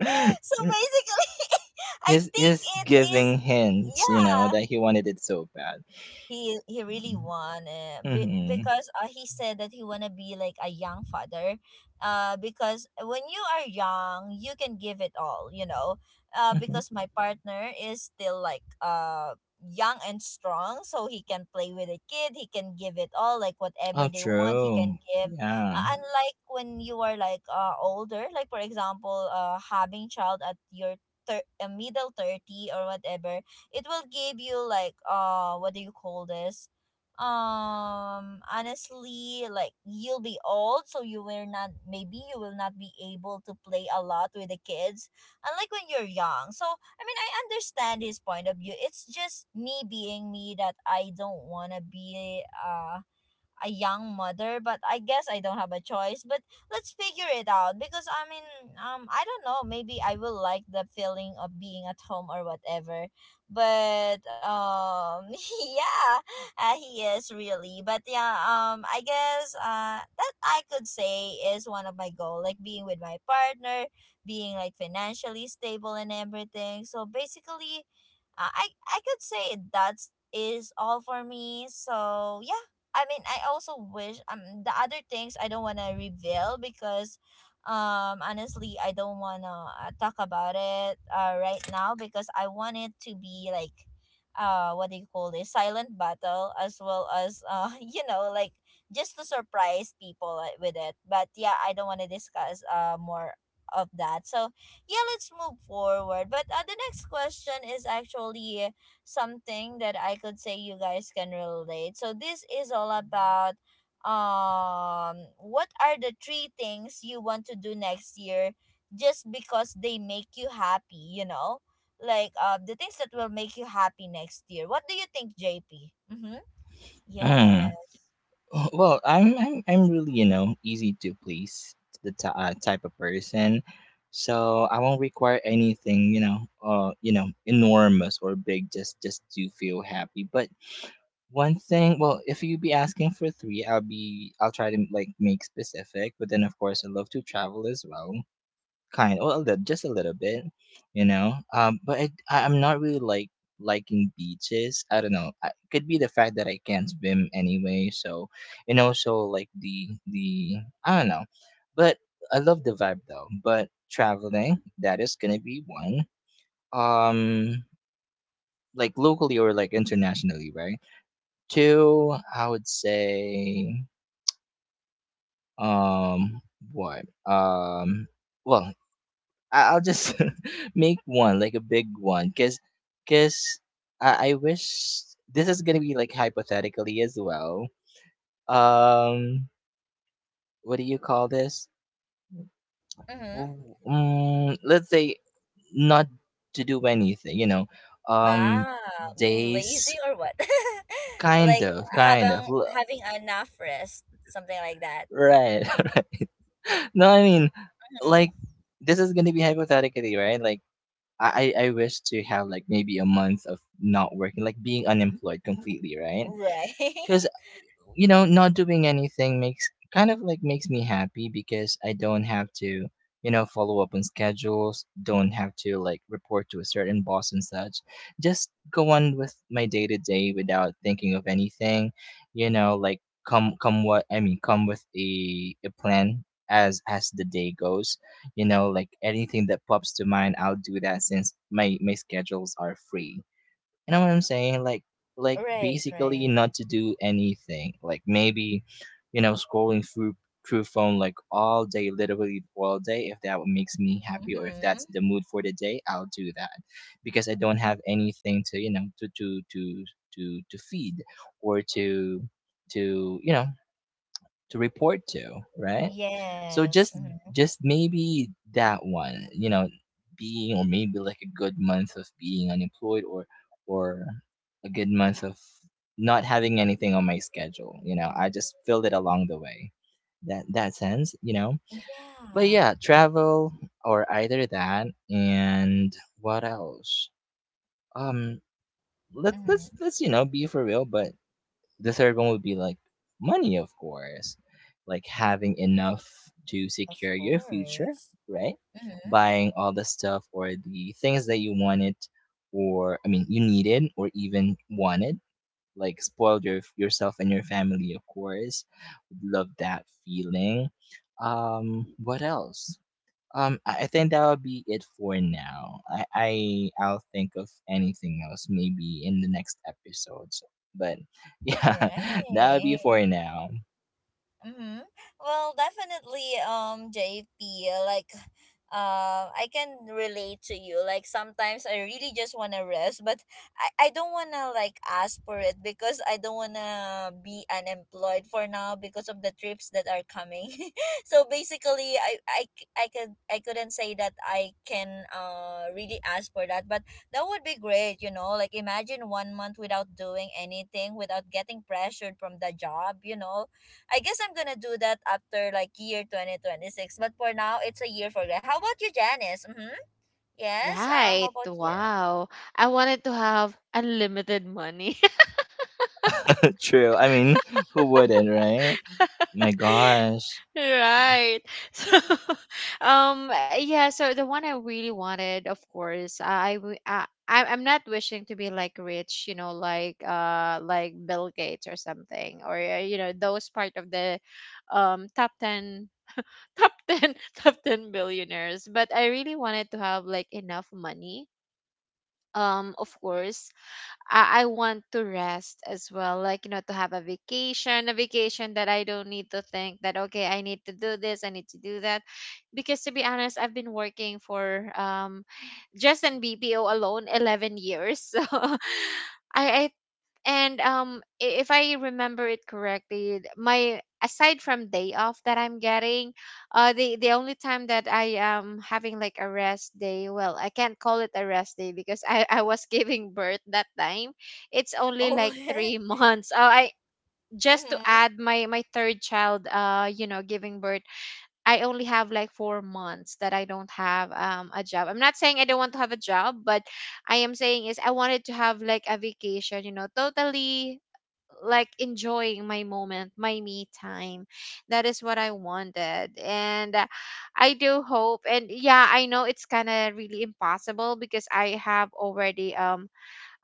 (laughs)
So basically, (laughs) I
he's
think
he's
it is,
giving hints, you know,
yeah,
that he wanted it so bad.
he really wanna be,
Mm-hmm.
because he said that he wanna be like a young father. Uh, because when you are young, you can give it all, you know. Uh,
Mm-hmm.
because my partner is still like young and strong, so he can play with a kid, he can give it all, like whatever
Oh,
they want he can
true.
give. Uh,
Yeah.
unlike when you are like older, like for example having child at your middle 30 or whatever, it will give you like what do you call this, honestly, like you'll be old, so you will not, maybe you will not be able to play a lot with the kids, unlike when you're young. So I mean, I understand his point of view, it's just me being me, that I don't want to be a young mother, but I guess I don't have a choice. But let's figure it out because I mean, I don't know. Maybe I will like the feeling of being at home or whatever. But (laughs) yeah, he is really. But yeah, I guess that I could say is one of my goal, like being with my partner, being like financially stable and everything. So basically, I could say that's is all for me. So yeah, I mean, I also wish the other things I don't wanna reveal, because honestly, I don't wanna talk about it right now, because I want it to be like, what do you call this, silent battle, as well as (laughs) you know, like just to surprise people with it. But yeah, I don't wanna discuss more of that. So yeah, let's move forward. But the next question is actually something that I could say you guys can relate. So this is all about what are the three things you want to do next year, just because they make you happy, you know? Like the things that will make you happy next year. What do you think, JP? Mhm.
Mm.
Yes.
Well, I'm really you know easy to please, the type of person, so I won't require anything you know enormous or big, just to feel happy. But one thing, well, if you be asking for three, I'll try to like make specific. But then of course I love to travel as well, kind, well, a little, just a little bit, you know. But I'm not really like liking beaches. I don't know, I could be the fact that I can't swim anyway, so. And also like the I don't know but I love the vibe though. But traveling, that is gonna be one, um like locally or like internationally, right? Two, I would say, um what um well I- I'll just (laughs) make one, like a big one, because I wish, this is gonna be like hypothetically as well. Um, what do you call this?
Mhm.
W- Mm, let's say not to do anything, you know. Um,
Ah, being lazy
Days,
or what? (laughs) Like
kind
habang
of,
having enough rest, something like that.
right? (laughs) No, I mean, like,
Mhm.
this is gonna be hypothetically, right? Like, I wish to have like maybe a month of not working, like being unemployed completely, right?
Right.
Because
(laughs)
you know, not doing anything makes, kind of like makes me happy, because I don't have to, you know, follow up on schedules, don't have to like report to a certain boss and such. Just go on with my day to day without thinking of anything, you know, like come what I mean, come with a plan as the day goes. You know, like anything that pops to mind, I'll do that since my schedules are free. You know what I'm saying? Like
Right,
basically
right.
not to do anything. Like maybe, you know, scrolling through, through phone like all day, literally all day. If that what makes me happy, or if that's
Mm-hmm.
the mood for the day, I'll do that. Because I don't have anything to, you know, to feed or to you know, to report to, right? So
Yes.
just
Mm-hmm.
just maybe that one, you know, being, or maybe like a good month of being unemployed, or a good month of not having anything on my schedule, you know. I just filled it along the way. That that sense, you know. But
Yeah.
yeah, travel, or either that, and what else? Um let's let's
Mm-hmm.
let's you know be for real. But the third one would be like money, of course, like having enough to
Of
secure your future,
course.
right?
Mm-hmm.
Buying all the stuff or the things that you wanted, or I mean, you needed or even wanted, like spoiled your, yourself and your family, of course. Love that feeling. What else? I think that would be it for now. I'll think of anything else maybe in the next episodes. But (laughs) yeah, that would be
Right.
for now.
Mm-hmm. Well, definitely, JP, like, I can relate to you. Like, sometimes I really just want to rest, but I don't want to, like, ask for it because I don't want to be unemployed for now because of the trips that are coming. (laughs) So basically, I couldn't say that I can really ask for that, but that would be great, you know? Like, imagine 1 month without doing anything, without getting pressured from the job, you know? I guess I'm gonna do that after like year 2026. But for now, it's a year for that. How about you, Janice? Mm-hmm. Yes. How
Right.
about you? (laughs)
Wow. I wanted to have unlimited money. (laughs)
(laughs) True. I mean, who wouldn't, right? My gosh,
Right. (laughs) So, yeah. So the one I really wanted, of course, I, w- I- I'm not wishing to be like rich, you know, like Bill Gates or something, or you know, those part of the, top ten, (laughs) top ten billionaires. But I really wanted to have like enough money. Of course, I want to rest as well, like, you know, to have a vacation, a vacation that I don't need to think that, okay, I need to do this, I need to do that. Because to be honest, I've been working for just in BPO alone 11 years. (laughs) So I, I if I remember it correctly, my, aside from day off that I'm getting, the only time that I am having like a rest day, well, I can't call it a rest day because I was (laughs) giving birth that time, it's only
Oh.
like three (laughs) months. Oh, I just to
Mm-hmm.
add my, my third child, you know, giving birth, I only have like 4 months that I don't have a job. I'm not saying I don't want to have a job, but I am saying is I wanted to have like a vacation, you know, totally like enjoying my moment, my me time. That is what I wanted. And I do hope and yeah, I know it's kind of really impossible because I have already um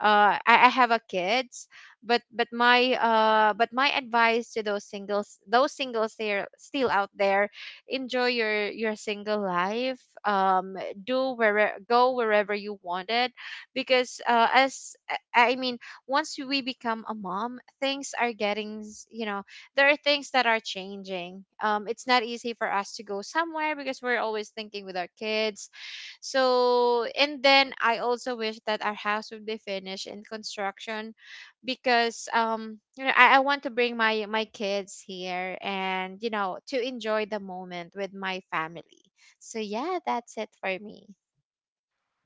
uh, I, I have a kids, but but my advice to those singles they're still out there, enjoy your single life. Do where go wherever you wanted, because as I I mean, once we become a mom, things are getting you know, there are things that are changing. It's not easy for us to go somewhere because we're always thinking with our kids. So, and then I also wish that our house would be finished in construction because you know, I want to bring my, my kids here and, you know, to enjoy the moment with my family. So yeah, that's it for me.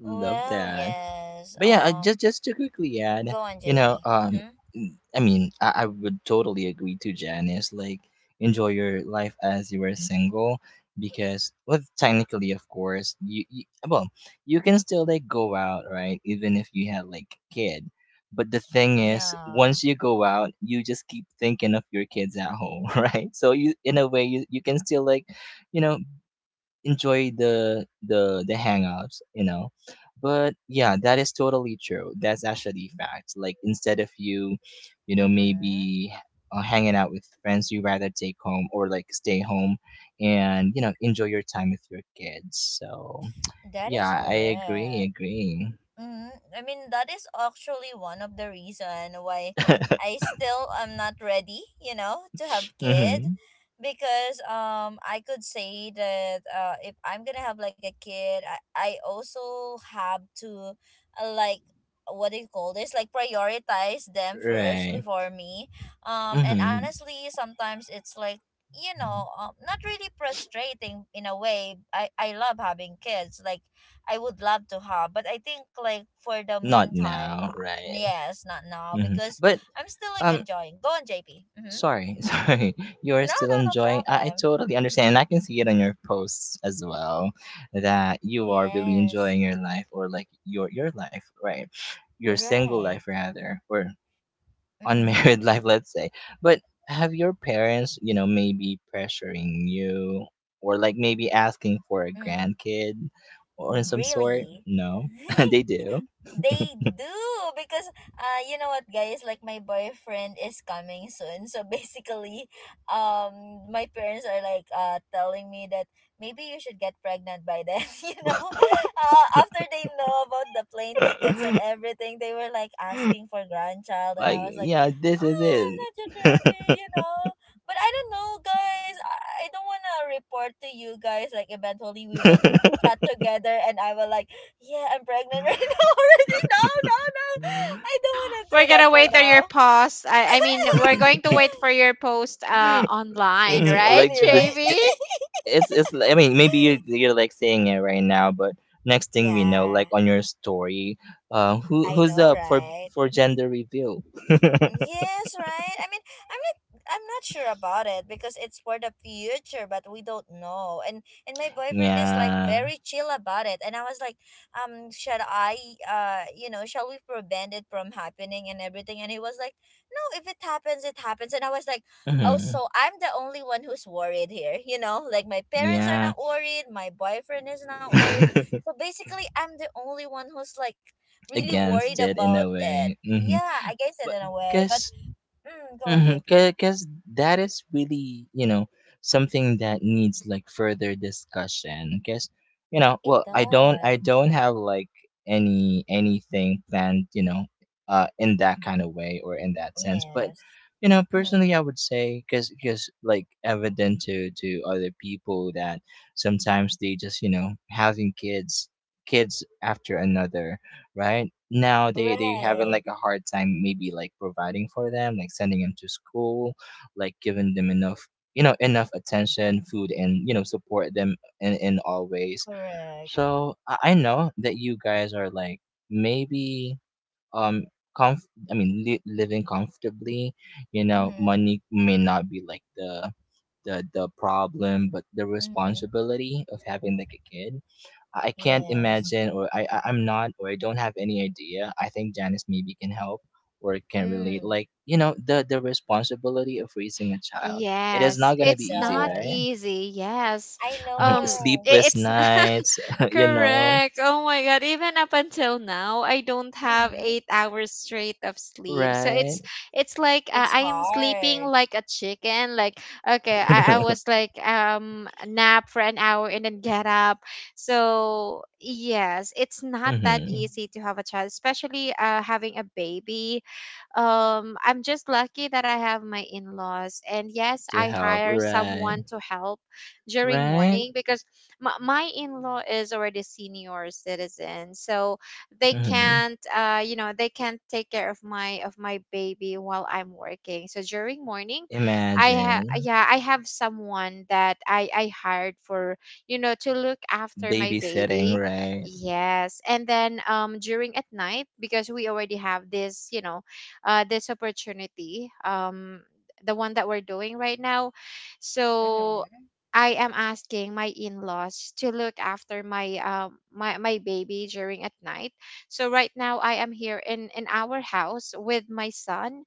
love
Well,
that.
yes.
But yeah, just to quickly
Go
add,
on,
you know,
JP. Mm-hmm.
I mean, I would totally agree to Janice. Like, enjoy your life as you were single, because, well, technically, of course, you well, you can still like go out, right? Even if you had like kid. But the thing is,
Yeah.
once you go out, you just keep thinking of your kids at home, (laughs) right? So you, in a way, you can still like, you know, enjoy the hangouts, you know. But yeah, that is totally true, that's actually fact. Like instead of you, you know
Mm-hmm.
maybe hanging out with friends, you rather take home or like stay home, and you know enjoy your time with your kids. So
That is
yeah, i agree
correct.
agree
Mm-hmm. I mean, that is actually one of the reason why
(laughs)
I still am not ready, you know, to have kid,
mm-hmm.
because I could say that if I'm going to have like a kid, I also have to like, what do you call this? Like prioritize them first
Right.
before me. Um, and
Mm-hmm.
honestly, sometimes it's like, you know, not really frustrating in a way. I love having kids. Like I would love to have. But I think like for the
Not
meantime,
now, right.
yes, not now,
Hmm,
because
but
I'm still like
um
enjoying. Go on, JP. Mm-hmm.
sorry, (laughs) sorry. You're
No,
still
no, no
enjoying. I
problem.
totally understand. And I can see it on your posts as well, that you are really
Yes.
enjoying your life, or like your life, right? Your single
Right.
life rather, or
Mm-hmm.
unmarried (laughs) life, let's say. But have your parents, you know, maybe pressuring you, or like maybe asking for a
Mm.
grandkid or in some sort?
Really?
No, (laughs)
(laughs)
they do.
They do, because you know what guys, like my boyfriend is coming soon, so (laughs) basically my parents are like telling me that maybe you should get pregnant by then. (laughs) You know, after they know about the plane tickets and
(laughs)
everything, they were like asking for grandchild, and
Like,
I was like,
yeah, this is
oh, I'm not yet
it.
ready, you know. But I don't know guys, I don't want to report to you guys, like eventually we will chat together and I will like, yeah, I'm pregnant (laughs) right now already. No, no, no. I don't want to do
We're
that
gonna
for
wait on
now.
your post. I mean we're going to
(laughs)
wait for your post
(laughs)
online,
It's
Mm,
right,
like
funny,
the,
right?
JV?
(laughs)
I mean, maybe you, you're like saying it right now, but next thing we know, like
Yeah,
on your story, who,
I
who's
know,
up for
right?
for gender reveal?
Yes, right? I mean, I'm not I'm not sure about it, because it's for the future, but we don't know. And my boyfriend is like
Yeah,
very chill about it. And I was like, shall I you know, shall we prevent it from happening and everything? And he was like, "No, if it happens, it happens." And I was like, "Oh,
hmm,
so I'm the only one who's worried here." (laughs) You know, like my parents are
yeah,
not worried, my boyfriend is not worried. So
(laughs)
basically, I'm the only one who's like really worried
against it in
about
a
it.
way. Hmm.
Yeah, I guess it
But
in a way, but
because
mm, go on, JP.
Because that is really, you know, something that needs like further discussion. Because, you know,
It
well, I
does.
don't have like any anything planned, you know, in that kind of way or in that sense. But,
Yes.
you know,
Mm-hmm.
personally, I would say, because like evident to other people that sometimes they just you know having kids, kids after another, right now they having
Right.
like a hard time maybe like providing for them, like sending them to school, like giving them enough, you know, enough attention, food, and you know support them in all ways. So
Correct.
I know that you guys are like maybe um living comfortably, you know, money
Mm-hmm.
may not be like the problem, but the
Mm-hmm.
responsibility of having like a kid, I can't
Yes.
imagine, or I don't have any idea. I think Janice maybe can help or can relate.
Mm,
Like, you know, the responsibility of raising a child, it is
Yes,
not gonna
it
be
it's
easy,
not
right?
does.
easy. Yes.
I
(laughs) Mhm.
Um,
know.
i-
Sleepless
it's
nights,
(laughs)
(laughs) you know,
Mm-hmm.
correct. Oh my god, even up until now I don't have
Mm-hmm.
8 hours straight of sleep. So it's
right?
it's like
It's
I am sleeping
hard.
like a chicken. Like okay, I
(laughs)
was
(laughs)
like nap for an hour and then get up. So yes, it's not that
Hmm.
easy to have a child, especially having a baby. Um, I'm just lucky that I have my in-laws and yes,
To
I
help,
hire
right?
someone to help during
Right?
morning because my in-law is already senior citizen, so they
Hmm.
can't, you know, they can't take care of my, of my baby while I'm working. So during morning I have,
Imagine
yeah, I have someone that I hired for, you know, to look after my
babysitting,
baby.
right?
Yes. And then um, during at night, because we already have this, you know, this opportunity, the one that we're doing right now, so
Mm-hmm.
I am asking my in-laws to look after my my, my baby during at night. So right now I am here in our house with my son,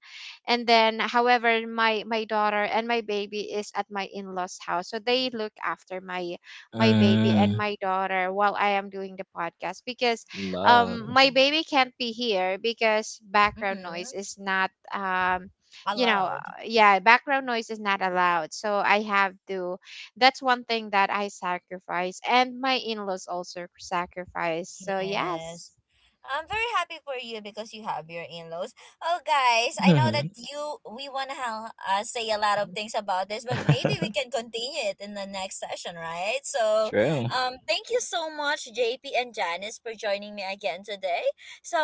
and then however my, my daughter and my baby is at my in-laws house. So they look after my, my baby and
Mm,
my daughter while I am doing the podcast because
love.
my baby can't be here because background noise
Mm-hmm.
is not you know,
Allowed.
yeah, background noise is not allowed. So I have to, that's one thing that I sacrifice, and my in laws also sacrifice. So,
Yes.
yes.
I'm very happy for you because you have your in-laws. Oh, guys, I know that
Hmm.
you we wanna say a lot of things about this, but maybe we
(laughs)
can continue it in the next session, right? So,
True.
thank you so much, JP and Janice, for joining me again today. So,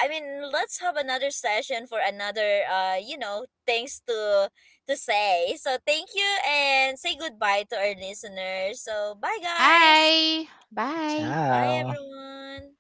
I mean, let's have another session for another, you know, things to say. So, thank you and say goodbye to our listeners. So, bye, guys.
Bye. Bye.
Bye,
Ciao.
everyone.